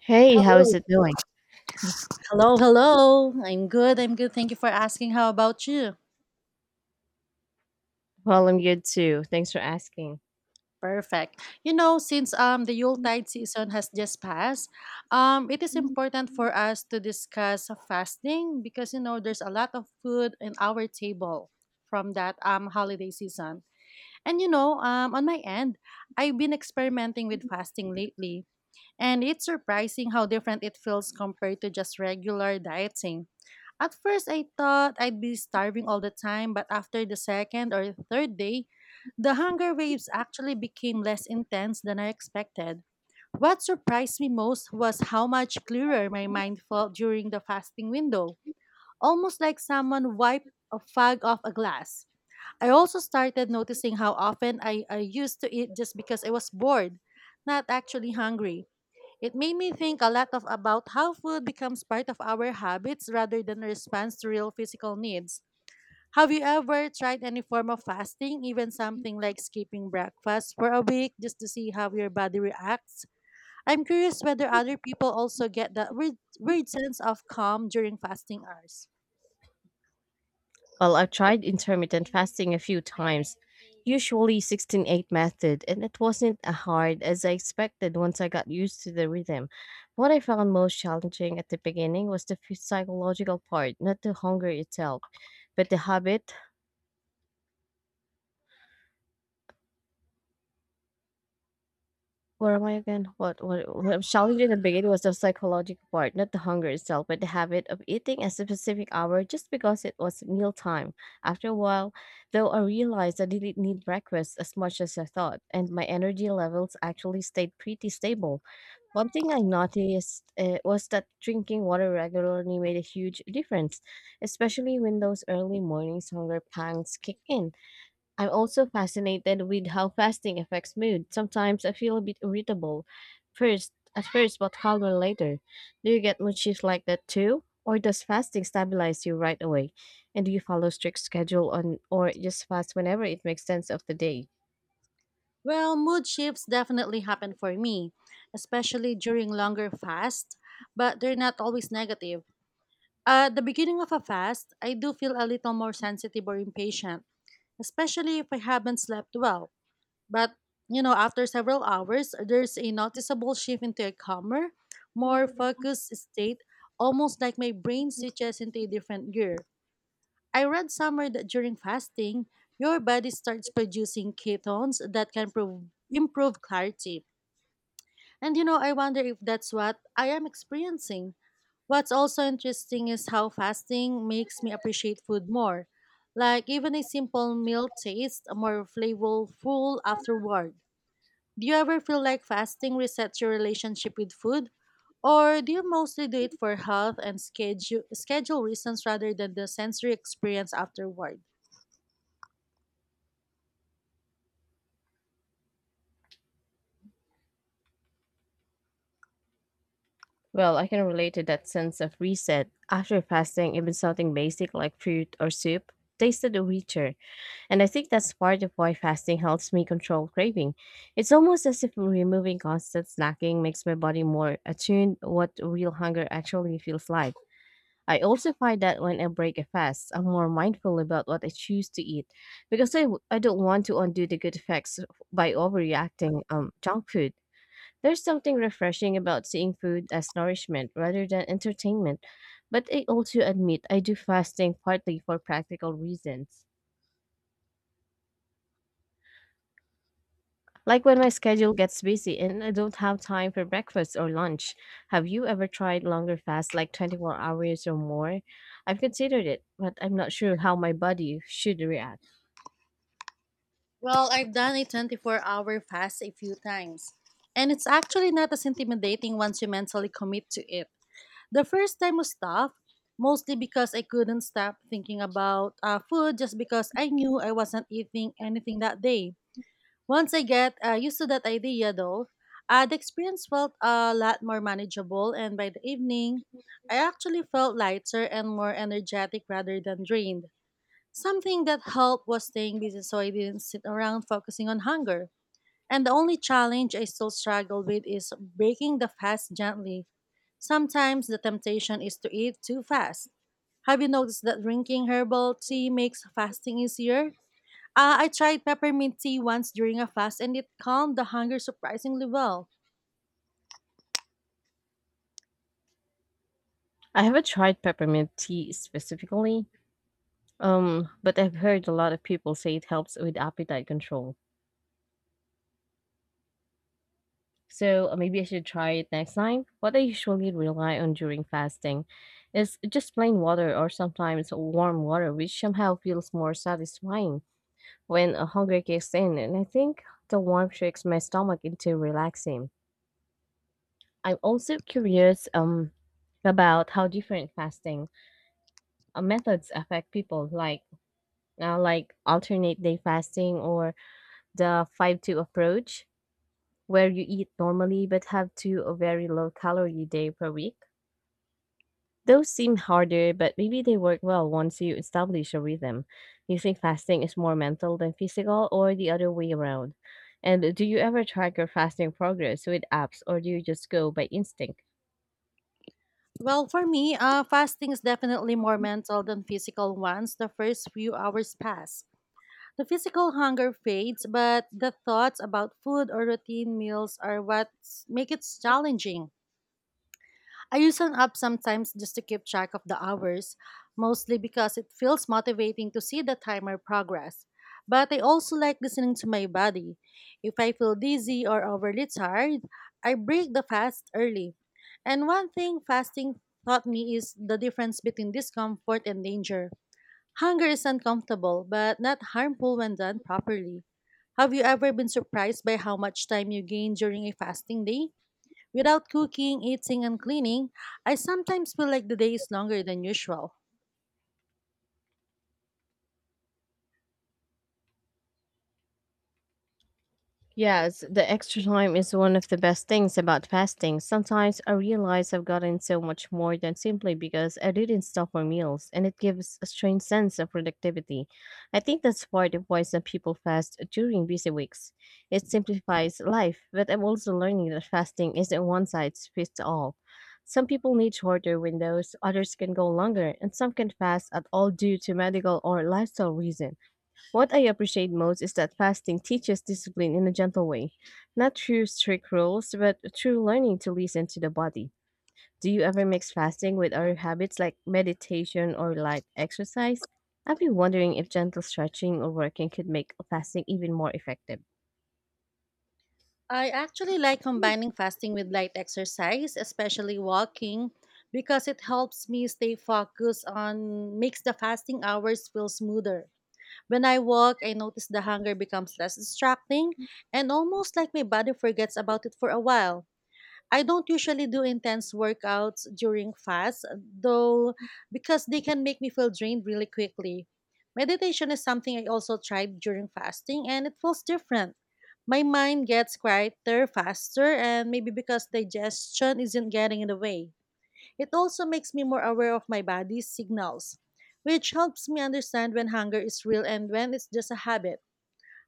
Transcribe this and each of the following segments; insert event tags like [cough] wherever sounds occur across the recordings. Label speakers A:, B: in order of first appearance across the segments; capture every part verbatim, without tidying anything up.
A: Hey, how is
B: Hello,
A: it doing?
B: hello, hello. I'm good. I'm good. Thank you for asking. How about you?
A: Well, I'm good too. Thanks for asking.
B: Perfect. You know, since um the Yuletide season has just passed, um it is important for us to discuss fasting because you know there's a lot of food in our table from that um holiday season. And you know, um on my end, I've been experimenting with fasting lately. And it's surprising how different it feels compared to just regular dieting. At first, I thought I'd be starving all the time, but after the second or third day, the hunger waves actually became less intense than I expected. What surprised me most was how much clearer my mind felt during the fasting window, almost like someone wiped a fog off a glass. I also started noticing how often I, I used to eat just because I was bored, not actually hungry. It made me think a lot of about how food becomes part of our habits rather than a response to real physical needs. Have you ever tried any form of fasting, even something like skipping breakfast for a week just to see how your body reacts? I'm curious whether other people also get that weird, weird sense of calm during fasting hours.
A: Well, I've tried intermittent fasting a few times, usually sixteen eight method, and it wasn't as hard as I expected once I got used to the rhythm. What I found most challenging at the beginning was the phy- psychological part, not the hunger itself, but the habit. Where am I again? What, what, what I'm challenging in the beginning was the psychological part, not the hunger itself, but the habit of eating at a specific hour just because it was meal time. After a while, though, I realized I didn't need breakfast as much as I thought, and my energy levels actually stayed pretty stable. One thing I noticed uh, was that drinking water regularly made a huge difference, especially when those early mornings hunger pangs kick in. I'm also fascinated with how fasting affects mood. Sometimes I feel a bit irritable first at first but calmer later. Do you get mood shifts like that too? Or does fasting stabilize you right away? And do you follow strict schedule on or just fast whenever it makes sense of the day?
B: Well, mood shifts definitely happen for me, especially during longer fasts, but they're not always negative. At the beginning of a fast, I do feel a little more sensitive or impatient, especially if I haven't slept well. But, you know, after several hours, there's a noticeable shift into a calmer, more focused state, almost like my brain switches into a different gear. I read somewhere that during fasting, your body starts producing ketones that can prov- improve clarity, and you know, I wonder if that's what I am experiencing. What's also interesting is how fasting makes me appreciate food more. Like even a simple meal tastes more flavorful afterward. Do you ever feel like fasting resets your relationship with food? Or do you mostly do it for health and schedule schedule reasons rather than the sensory experience afterward?
A: Well, I can relate to that sense of reset. After fasting, even something basic like fruit or soup tasted richer. And I think that's part of why fasting helps me control craving. It's almost as if removing constant snacking makes my body more attuned what real hunger actually feels like. I also find that when I break a fast, I'm more mindful about what I choose to eat because I, w- I don't want to undo the good effects by overreacting um junk food. There's something refreshing about seeing food as nourishment rather than entertainment. But I also admit I do fasting partly for practical reasons. Like when my schedule gets busy and I don't have time for breakfast or lunch. Have you ever tried longer fasts like twenty-four hours or more? I've considered it, but I'm not sure how my body should react.
B: Well, I've done a twenty-four-hour fast a few times, and it's actually not as intimidating once you mentally commit to it. The first time was tough, mostly because I couldn't stop thinking about uh, food just because I knew I wasn't eating anything that day. Once I get uh, used to that idea, though, uh, the experience felt a lot more manageable, and by the evening, I actually felt lighter and more energetic rather than drained. Something that helped was staying busy so I didn't sit around focusing on hunger. And the only challenge I still struggle with is breaking the fast gently. Sometimes the temptation is to eat too fast. Have you noticed that drinking herbal tea makes fasting easier? Uh, I tried peppermint tea once during a fast and it calmed the hunger surprisingly well.
A: I haven't tried peppermint tea specifically, um, but I've heard a lot of people say it helps with appetite control. So uh, maybe I should try it next time. What I usually rely on during fasting is just plain water or sometimes warm water, which somehow feels more satisfying when a hunger kicks in, and I think the warmth tricks my stomach into relaxing. I'm also curious um about how different fasting uh, methods affect people, like uh, like alternate day fasting or the five two approach, where you eat normally but have two a very low calorie day per week. Those seem harder, but maybe they work well once you establish a rhythm. You think fasting is more mental than physical, or the other way around? And do you ever track your fasting progress with apps, or do you just go by instinct?
B: Well, for me, uh, fasting is definitely more mental than physical once the first few hours pass. The physical hunger fades, but the thoughts about food or routine meals are what make it challenging. I use an app sometimes just to keep track of the hours, mostly because it feels motivating to see the timer progress. But I also like listening to my body. If I feel dizzy or overly tired, I break the fast early. And one thing fasting taught me is the difference between discomfort and danger. Hunger is uncomfortable, but not harmful when done properly. Have you ever been surprised by how much time you gain during a fasting day? Without cooking, eating, and cleaning, I sometimes feel like the day is longer than usual.
A: Yes, the extra time is one of the best things about fasting. Sometimes I realize I've gotten so much more than simply because I didn't stop for meals, and it gives a strange sense of productivity. I think that's part of why some people fast during busy weeks. It simplifies life, but I'm also learning that fasting isn't one size fits all. Some people need shorter windows, others can go longer, and some can fast at all due to medical or lifestyle reasons. What I appreciate most is that fasting teaches discipline in a gentle way, not through strict rules, but through learning to listen to the body. Do you ever mix fasting with other habits like meditation or light exercise? I've been wondering if gentle stretching or working could make fasting even more effective.
B: I actually like combining fasting with light exercise, especially walking, because it helps me stay focused on makes the fasting hours feel smoother. When I walk, I notice the hunger becomes less distracting and almost like my body forgets about it for a while. I don't usually do intense workouts during fasts, though, because they can make me feel drained really quickly. Meditation is something I also tried during fasting, and it feels different. My mind gets quieter faster, and maybe because digestion isn't getting in the way. It also makes me more aware of my body's signals, which helps me understand when hunger is real and when it's just a habit.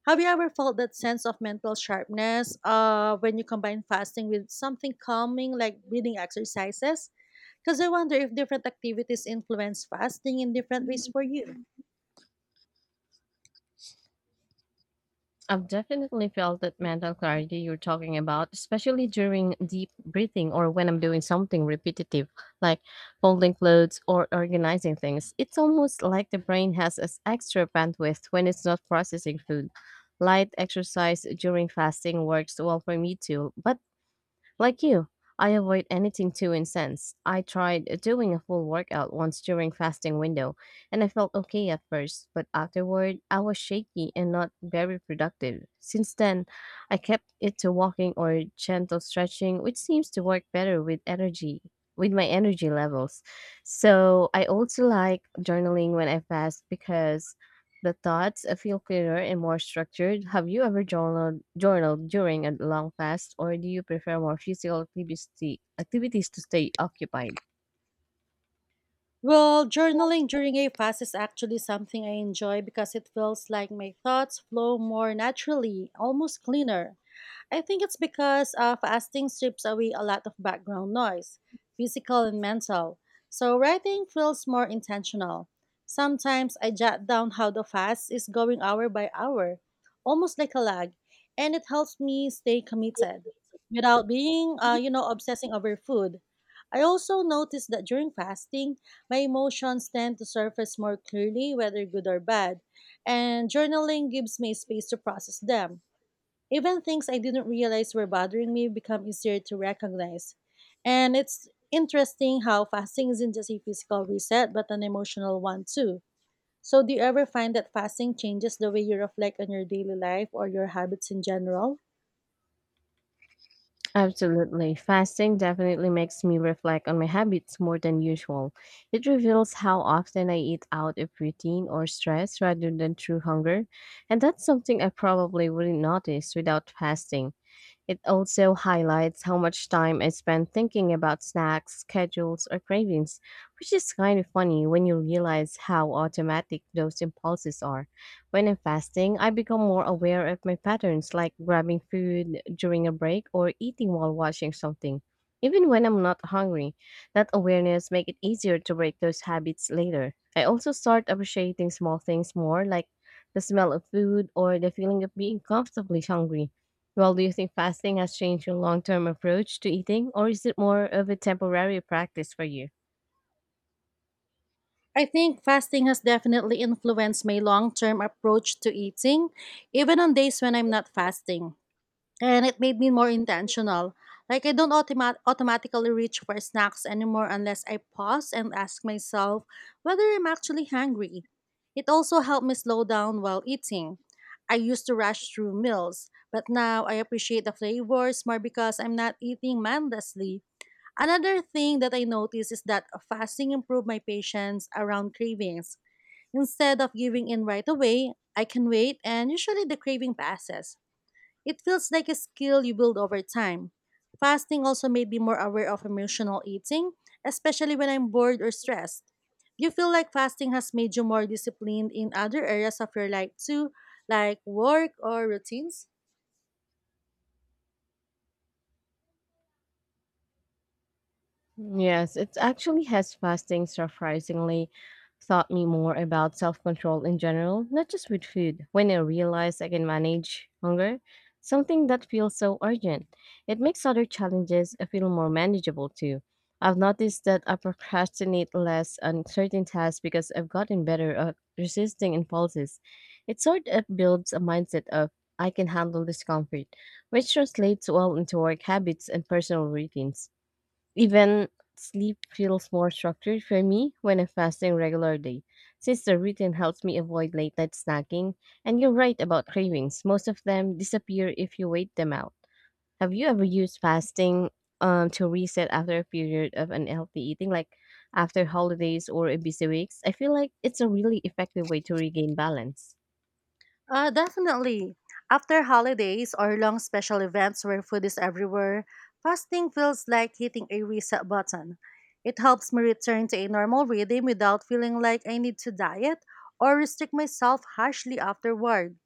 B: Have you ever felt that sense of mental sharpness uh, when you combine fasting with something calming like breathing exercises? Because I wonder if different activities influence fasting in different ways for you.
A: I've definitely felt that mental clarity you're talking about, especially during deep breathing or when I'm doing something repetitive, like folding clothes or organizing things. It's almost like the brain has this extra bandwidth when it's not processing food. Light exercise during fasting works well for me too, but like you, I avoid anything too intense. I tried uh, doing a full workout once during fasting window, and I felt okay at first, but afterward I was shaky and not very productive. Since then, I kept it to walking or gentle stretching, which seems to work better with energy with my energy levels. So, I also like journaling when I fast because the thoughts uh, feel clearer and more structured. Have you ever journaled, journaled during a long fast, or do you prefer more physical activity, activities to stay occupied?
B: Well, journaling during a fast is actually something I enjoy because it feels like my thoughts flow more naturally, almost cleaner. I think it's because uh, fasting strips away a lot of background noise, physical and mental. So writing feels more intentional. Sometimes I jot down how the fast is going hour by hour, almost like a log, and it helps me stay committed without being, uh, you know, obsessing over food. I also notice that during fasting, my emotions tend to surface more clearly, whether good or bad, and journaling gives me space to process them. Even things I didn't realize were bothering me become easier to recognize. And it's interesting how fasting isn't just a physical reset, but an emotional one too. So, do you ever find that fasting changes the way you reflect on your daily life or your habits in general?
A: Absolutely. Fasting definitely makes me reflect on my habits more than usual. It reveals how often I eat out of routine or stress rather than true hunger, and that's something I probably wouldn't notice without fasting. It also highlights how much time I spend thinking about snacks, schedules, or cravings, which is kind of funny when you realize how automatic those impulses are. When I'm fasting, I become more aware of my patterns, like grabbing food during a break or eating while watching something. Even when I'm not hungry, that awareness makes it easier to break those habits later. I also start appreciating small things more, like the smell of food or the feeling of being comfortably hungry. Well, do you think fasting has changed your long term approach to eating, or is it more of a temporary practice for you?
B: I think fasting has definitely influenced my long term approach to eating, even on days when I'm not fasting. And it made me more intentional. Like I don't automat- automatically reach for snacks anymore unless I pause and ask myself whether I'm actually hungry. It also helped me slow down while eating. I used to rush through meals, but now I appreciate the flavors more because I'm not eating mindlessly. Another thing that I noticed is that fasting improved my patience around cravings. Instead of giving in right away, I can wait and usually the craving passes. It feels like a skill you build over time. Fasting also made me more aware of emotional eating, especially when I'm bored or stressed. Do you feel like fasting has made you more disciplined in other areas of your life too, like work or routines?
A: Yes, it actually has. Fasting surprisingly taught me more about self control in general, not just with food. When I realize I can manage hunger, something that feels so urgent, it makes other challenges feel more manageable too. I've noticed that I procrastinate less on certain tasks because I've gotten better at resisting impulses. It sort of builds a mindset of I can handle discomfort, which translates well into work habits and personal routines. Even sleep feels more structured for me when I'm fasting regularly, since the routine helps me avoid late night snacking. And you're right about cravings, most of them disappear if you wait them out. Have you ever used fasting um, to reset after a period of unhealthy eating, like after holidays or a busy weeks? I feel like it's a really effective way to regain balance.
B: Uh, definitely. After holidays or long special events where food is everywhere, fasting feels like hitting a reset button. It helps me return to a normal rhythm without feeling like I need to diet or restrict myself harshly afterward.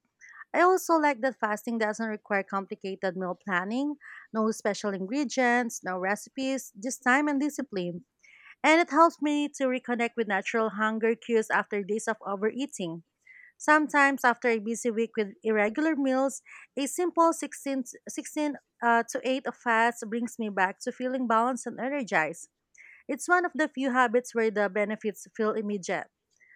B: I also like that fasting doesn't require complicated meal planning, no special ingredients, no recipes, just time and discipline. And it helps me to reconnect with natural hunger cues after days of overeating. Sometimes, after a busy week with irregular meals, a simple sixteen-sixteen uh, to eight of fast brings me back to feeling balanced and energized. It's one of the few habits where the benefits feel immediate.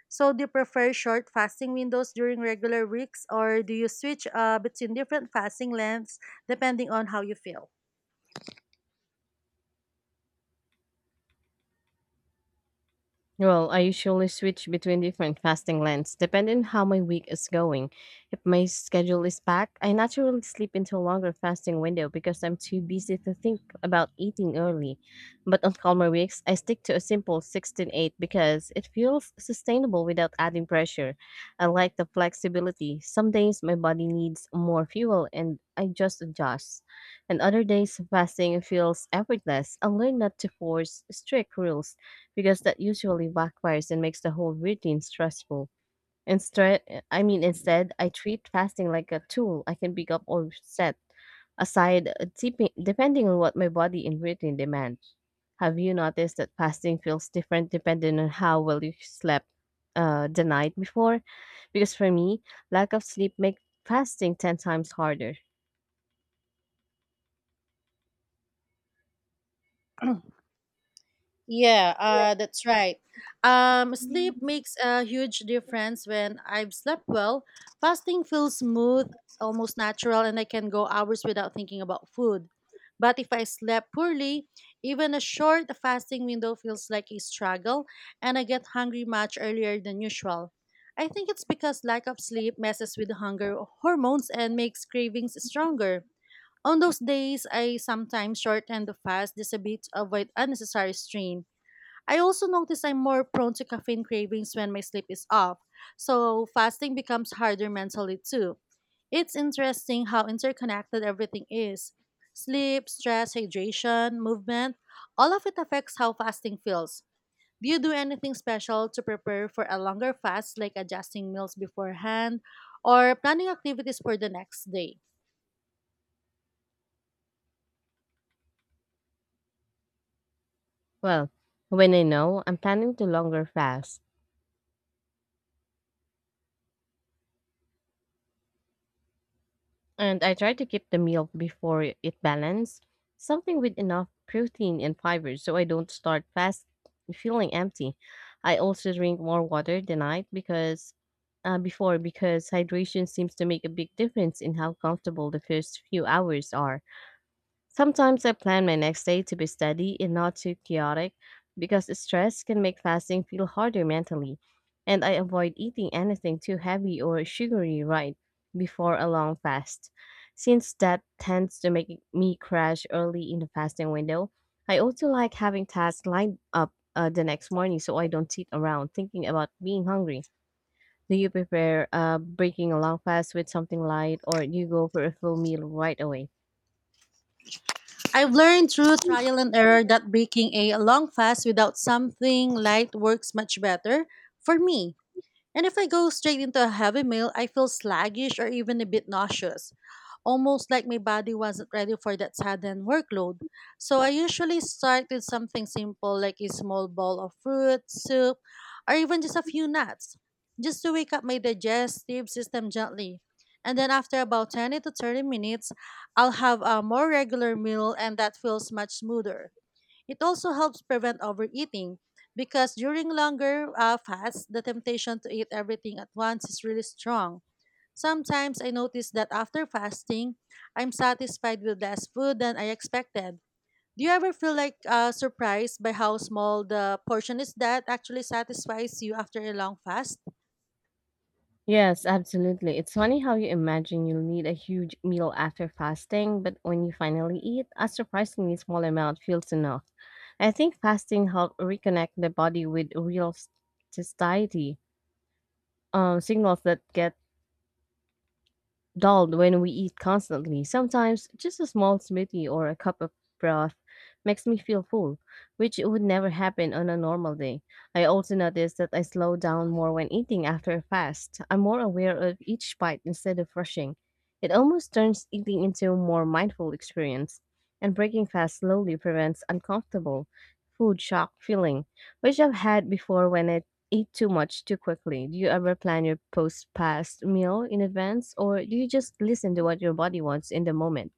B: So, do you prefer short fasting windows during regular weeks or do you switch uh, between different fasting lengths depending on how you feel?
A: Well, I usually switch between different fasting lengths depending how my week is going. If my schedule is packed, I naturally sleep into a longer fasting window because I'm too busy to think about eating early. But on calmer weeks, I stick to a simple sixteen eight because it feels sustainable without adding pressure. I like the flexibility. Some days my body needs more fuel and I just adjust. And other days, fasting feels effortless. I learn not to force strict rules because that usually backfires and makes the whole routine stressful. Instead, I mean, instead, I treat fasting like a tool I can pick up or set aside, uh, depe- depending on what my body and routine demand. Have you noticed that fasting feels different depending on how well you slept uh, the night before? Because for me, lack of sleep makes fasting ten times harder.
B: [clears throat] Yeah, uh, that's right. Um, sleep makes a huge difference when I've slept well. Fasting feels smooth, almost natural, and I can go hours without thinking about food. But if I slept poorly, even a short fasting window feels like a struggle, and I get hungry much earlier than usual. I think it's because lack of sleep messes with hunger hormones and makes cravings stronger. On those days, I sometimes shorten the fast just a bit to avoid unnecessary strain. I also notice I'm more prone to caffeine cravings when my sleep is off, so fasting becomes harder mentally too. It's interesting how interconnected everything is. Sleep, stress, hydration, movement, all of it affects how fasting feels. Do you do anything special to prepare for a longer fast, like adjusting meals beforehand or planning activities for the next day?
A: Well, when I know I'm planning to longer fast, and I try to keep the meal before it it balanced, something with enough protein and fiber so I don't start fast feeling empty. I also drink more water the night because uh, before because hydration seems to make a big difference in how comfortable the first few hours are. Sometimes I plan my next day to be steady and not too chaotic because stress can make fasting feel harder mentally, and I avoid eating anything too heavy or sugary right before a long fast. Since that tends to make me crash early in the fasting window, I also like having tasks lined up uh, the next morning so I don't sit around thinking about being hungry. Do you prepare uh, breaking a long fast with something light or do you go for a full meal right away?
B: I've learned through trial and error that breaking a long fast without something light works much better for me. And if I go straight into a heavy meal, I feel sluggish or even a bit nauseous, almost like my body wasn't ready for that sudden workload. So I usually start with something simple like a small bowl of fruit, soup, or even just a few nuts, just to wake up my digestive system gently. And then after about twenty to thirty minutes, I'll have a more regular meal and that feels much smoother. It also helps prevent overeating because during longer uh, fasts, the temptation to eat everything at once is really strong. Sometimes I notice that after fasting, I'm satisfied with less food than I expected. Do you ever feel like uh, surprised by how small the portion is that actually satisfies you after a long fast?
A: Yes, absolutely. It's funny how you imagine you'll need a huge meal after fasting, but when you finally eat, a surprisingly small amount feels enough. I think fasting helps reconnect the body with real satiety, um, signals that get dulled when we eat constantly. Sometimes just a small smoothie or a cup of broth makes me feel full, which would never happen on a normal day. I also notice that I slow down more when eating after a fast. I'm more aware of each bite instead of rushing. It almost turns eating into a more mindful experience, and breaking fast slowly prevents uncomfortable food shock feeling, which I've had before when I eat too much too quickly. Do you ever plan your post past meal in advance, or do you just listen to what your body wants in the moment?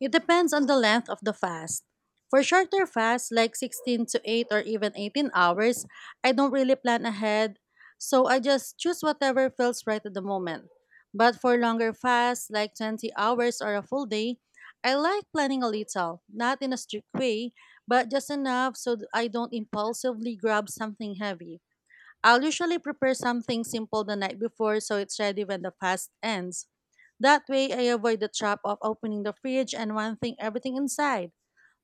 B: It depends on the length of the fast. For shorter fasts like sixteen to eight or even eighteen hours, I don't really plan ahead, so I just choose whatever feels right at the moment. But for longer fasts like twenty hours or a full day, I like planning a little, not in a strict way, but just enough so th- I don't impulsively grab something heavy. I'll usually prepare something simple the night before so it's ready when the fast ends. That way, I avoid the trap of opening the fridge and wanting everything inside.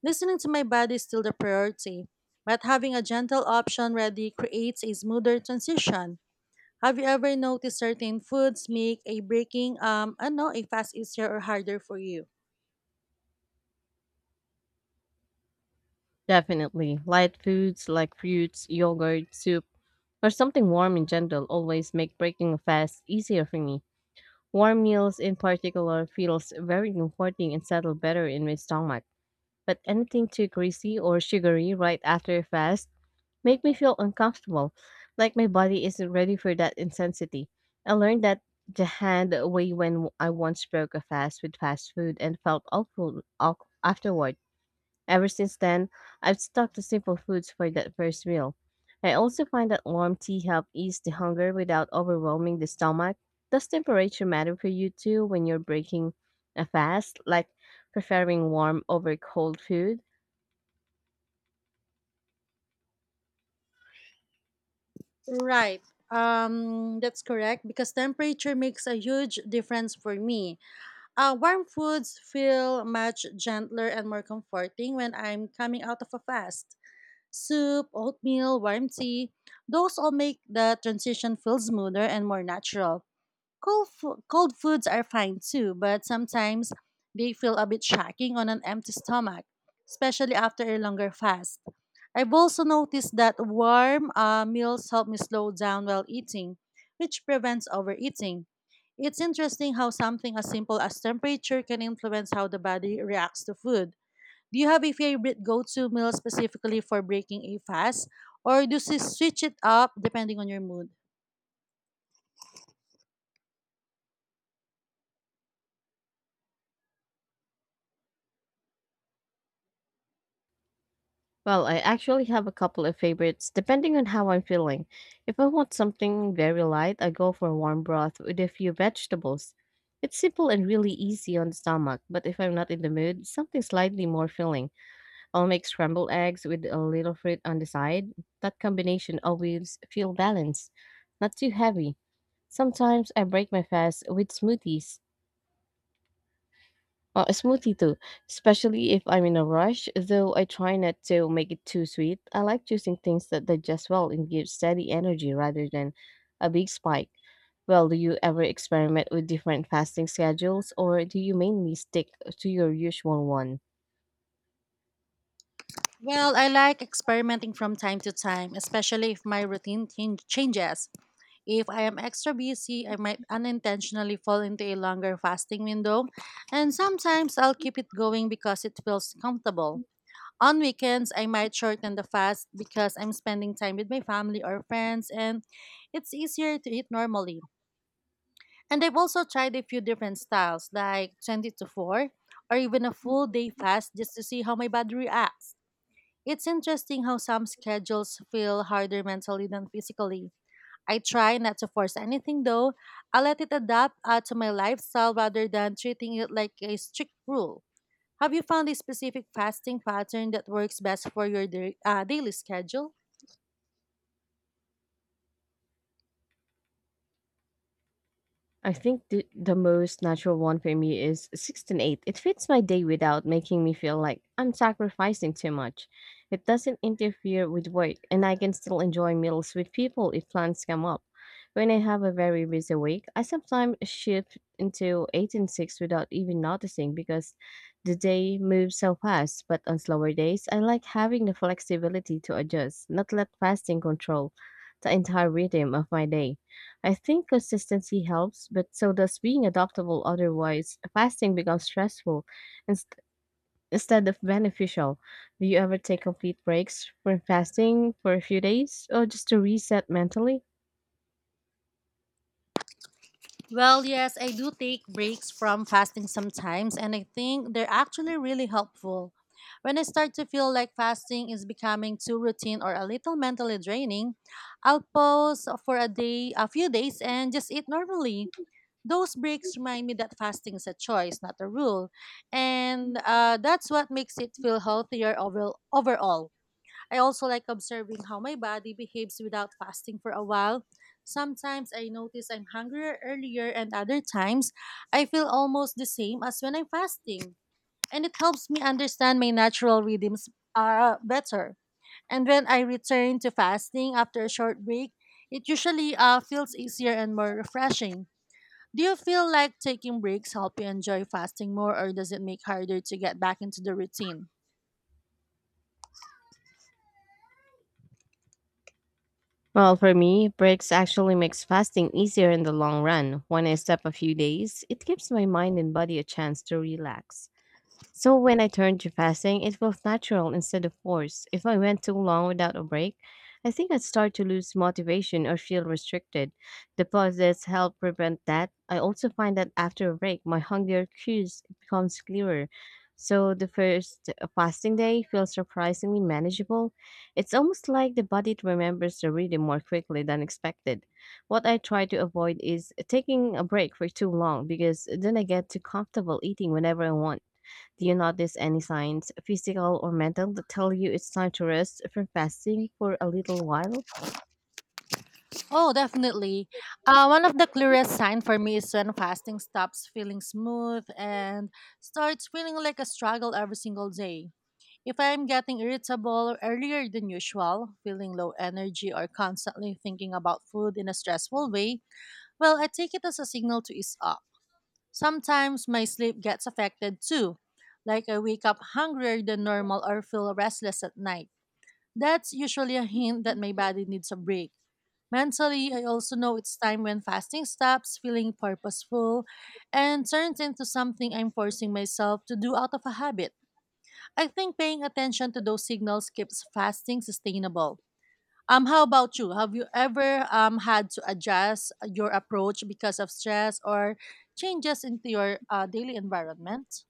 B: Listening to my body is still the priority, but having a gentle option ready creates a smoother transition. Have you ever noticed certain foods make a breaking um I know a fast easier or harder for you?
A: Definitely. Light foods like fruits, yogurt, soup, or something warm and gentle always make breaking a fast easier for me. Warm meals in particular feels very comforting and settle better in my stomach. But anything too greasy or sugary right after a fast make me feel uncomfortable, like my body isn't ready for that intensity. I learned that the hand way when I once broke a fast with fast food and felt awful awk- afterward. Ever since then, I've stuck to simple foods for that first meal. I also find that warm tea helps ease the hunger without overwhelming the stomach. Does temperature matter for you too when you're breaking a fast, like preferring warm over cold food?
B: Right. Um, that's correct because temperature makes a huge difference for me. Uh, warm foods feel much gentler and more comforting when I'm coming out of a fast. Soup, oatmeal, warm tea, those all make the transition feel smoother and more natural. Cold, fo- cold foods are fine too, but sometimes they feel a bit shocking on an empty stomach, especially after a longer fast. I've also noticed that warm uh, meals help me slow down while eating, which prevents overeating. It's interesting how something as simple as temperature can influence how the body reacts to food. Do you have a favorite go-to meal specifically for breaking a fast, or do you switch it up depending on your mood?
A: Well, I actually have a couple of favorites depending on how I'm feeling. If I want something very light, I go for a warm broth with a few vegetables. It's simple and really easy on the stomach, but if I'm not in the mood, something slightly more filling. I'll make scrambled eggs with a little fruit on the side. That combination always feel balanced, not too heavy. Sometimes I break my fast with smoothies uh, a smoothie too, especially if I'm in a rush, though I try not to make it too sweet. I like choosing things that digest well and give steady energy rather than a big spike. Well, do you ever experiment with different fasting schedules or do you mainly stick to your usual one?
B: Well, I like experimenting from time to time, especially if my routine change- changes. If I am extra busy, I might unintentionally fall into a longer fasting window, and sometimes I'll keep it going because it feels comfortable. On weekends, I might shorten the fast because I'm spending time with my family or friends and it's easier to eat normally. And I've also tried a few different styles, like twenty to four, or even a full day fast just to see how my body reacts. It's interesting how some schedules feel harder mentally than physically. I try not to force anything though. I let it adapt uh, to my lifestyle rather than treating it like a strict rule. Have you found a specific fasting pattern that works best for your da- uh, daily schedule?
A: I think the, the most natural one for me is six and eight. It fits my day without making me feel like I'm sacrificing too much. It doesn't interfere with work, and I can still enjoy meals with people if plans come up. When I have a very busy week, I sometimes shift into eight and six without even noticing because the day moves so fast. But on slower days, I like having the flexibility to adjust, not let fasting control the entire rhythm of my day. I think consistency helps, but so does being adaptable otherwise. Fasting becomes stressful inst- instead of beneficial. Do you ever take complete breaks from fasting for a few days or just to reset mentally?
B: Well, yes, I do take breaks from fasting sometimes, and I think they're actually really helpful. When I start to feel like fasting is becoming too routine or a little mentally draining, I'll pause for a day, a few days, and just eat normally. Those breaks remind me that fasting is a choice, not a rule, and uh, that's what makes it feel healthier over- overall. I also like observing how my body behaves without fasting for a while. Sometimes I notice I'm hungrier earlier, and other times I feel almost the same as when I'm fasting. And it helps me understand my natural rhythms uh, better. And when I return to fasting after a short break, it usually uh, feels easier and more refreshing. Do you feel like taking breaks help you enjoy fasting more, or does it make harder to get back into the routine?
A: Well, for me, breaks actually makes fasting easier in the long run. When I step a few days, it gives my mind and body a chance to relax. So when I turned to fasting, it felt natural instead of forced. If I went too long without a break, I think I'd start to lose motivation or feel restricted. The pauses help prevent that. I also find that after a break, my hunger cues becomes clearer. So the first uh, fasting day feels surprisingly manageable. It's almost like the body remembers the rhythm more quickly than expected. What I try to avoid is taking a break for too long because then I get too comfortable eating whenever I want. Do you notice any signs, physical or mental, that tell you it's time to rest from fasting for a little while?
B: Oh, definitely. Uh, one of the clearest signs for me is when fasting stops feeling smooth and starts feeling like a struggle every single day. If I'm getting irritable earlier than usual, feeling low energy, or constantly thinking about food in a stressful way, well, I take it as a signal to ease up. Sometimes my sleep gets affected too, like I wake up hungrier than normal or feel restless at night. That's usually a hint that my body needs a break. Mentally, I also know it's time when fasting stops feeling purposeful and turns into something I'm forcing myself to do out of a habit. I think paying attention to those signals keeps fasting sustainable. Um, how about you? Have you ever um, had to adjust your approach because of stress or changes into your uh, daily environment?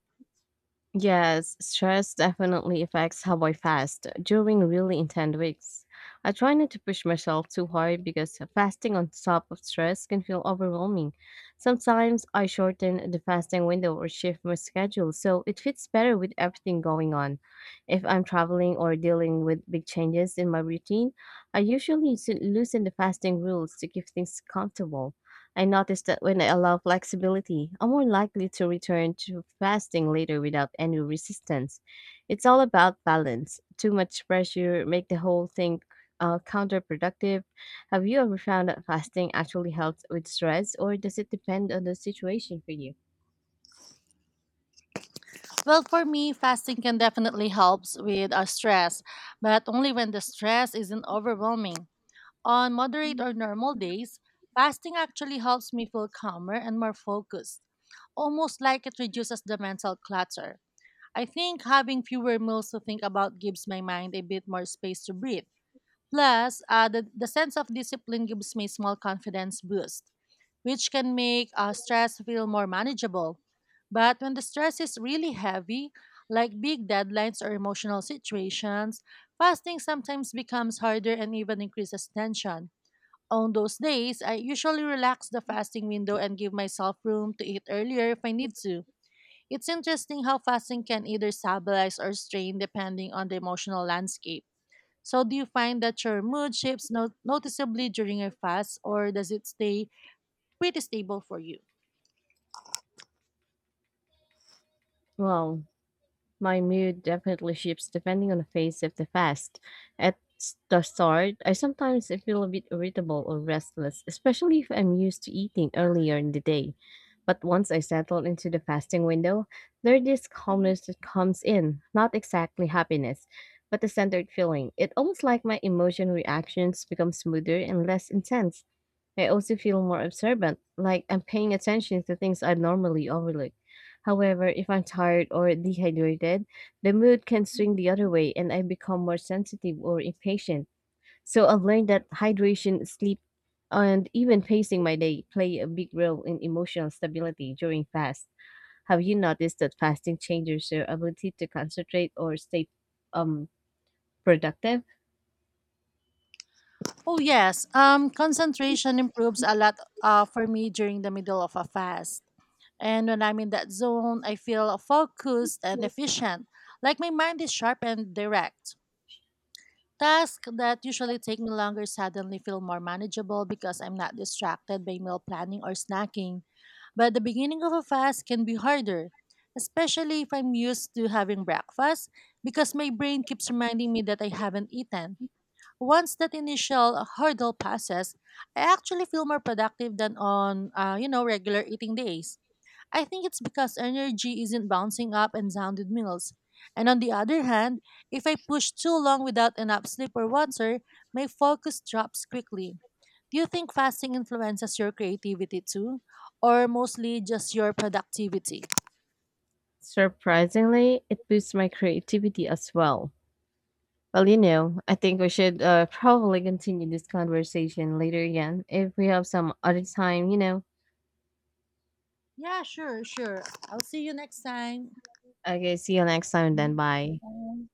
A: Yes, stress definitely affects how I fast during really intense weeks. I try not to push myself too hard because fasting on top of stress can feel overwhelming. Sometimes I shorten the fasting window or shift my schedule so it fits better with everything going on. If I'm traveling or dealing with big changes in my routine, I usually s- loosen the fasting rules to keep things comfortable. I noticed that when I allow flexibility, I'm more likely to return to fasting later without any resistance. It's all about balance. Too much pressure make the whole thing uh, counterproductive. Have you ever found that fasting actually helps with stress, or does it depend on the situation for you?
B: Well, for me, fasting can definitely helps with uh, stress, but only when the stress isn't overwhelming. On moderate or normal days, fasting actually helps me feel calmer and more focused, almost like it reduces the mental clutter. I think having fewer meals to think about gives my mind a bit more space to breathe. Plus, uh, the, the sense of discipline gives me small confidence boost which can make uh, stress feel more manageable. But when the stress is really heavy, like big deadlines or emotional situations, fasting sometimes becomes harder and even increases tension. On those days, I usually relax the fasting window and give myself room to eat earlier if I need to. It's interesting how fasting can either stabilize or strain depending on the emotional landscape. So, do you find that your mood shifts no- noticeably during your fast, or does it stay pretty stable for you?
A: Wow. My mood definitely shifts depending on the phase of the fast. At s- the start, I sometimes feel a bit irritable or restless, especially if I'm used to eating earlier in the day. But once I settle into the fasting window, there is calmness that comes in, not exactly happiness, but a centered feeling. It almost like my emotion reactions become smoother and less intense. I also feel more observant, like I'm paying attention to things I normally overlook. However, if I'm tired or dehydrated, the mood can swing the other way and I become more sensitive or impatient. So I've learned that hydration, sleep, and even pacing my day play a big role in emotional stability during fast. Have you noticed that fasting changes your ability to concentrate or stay um, productive?
B: Oh yes, um, concentration improves a lot uh, for me during the middle of a fast. And when I'm in that zone, I feel focused and efficient, like my mind is sharp and direct. Tasks that usually take me longer suddenly feel more manageable because I'm not distracted by meal planning or snacking. But the beginning of a fast can be harder, especially if I'm used to having breakfast, because my brain keeps reminding me that I haven't eaten. Once that initial hurdle passes, I actually feel more productive than on, uh, you know, regular eating days. I think it's because energy isn't bouncing up and down with meals. And on the other hand, if I push too long without enough sleep or water, my focus drops quickly. Do you think fasting influences your creativity too, or mostly just your productivity?
A: Surprisingly, it boosts my creativity as well. Well, you know, I think we should uh, probably continue this conversation later again if we have some other time, you know.
B: Yeah, sure, sure. I'll see you next time.
A: Okay, see you next time then.
B: Mhm.
A: Bye.
B: Bye.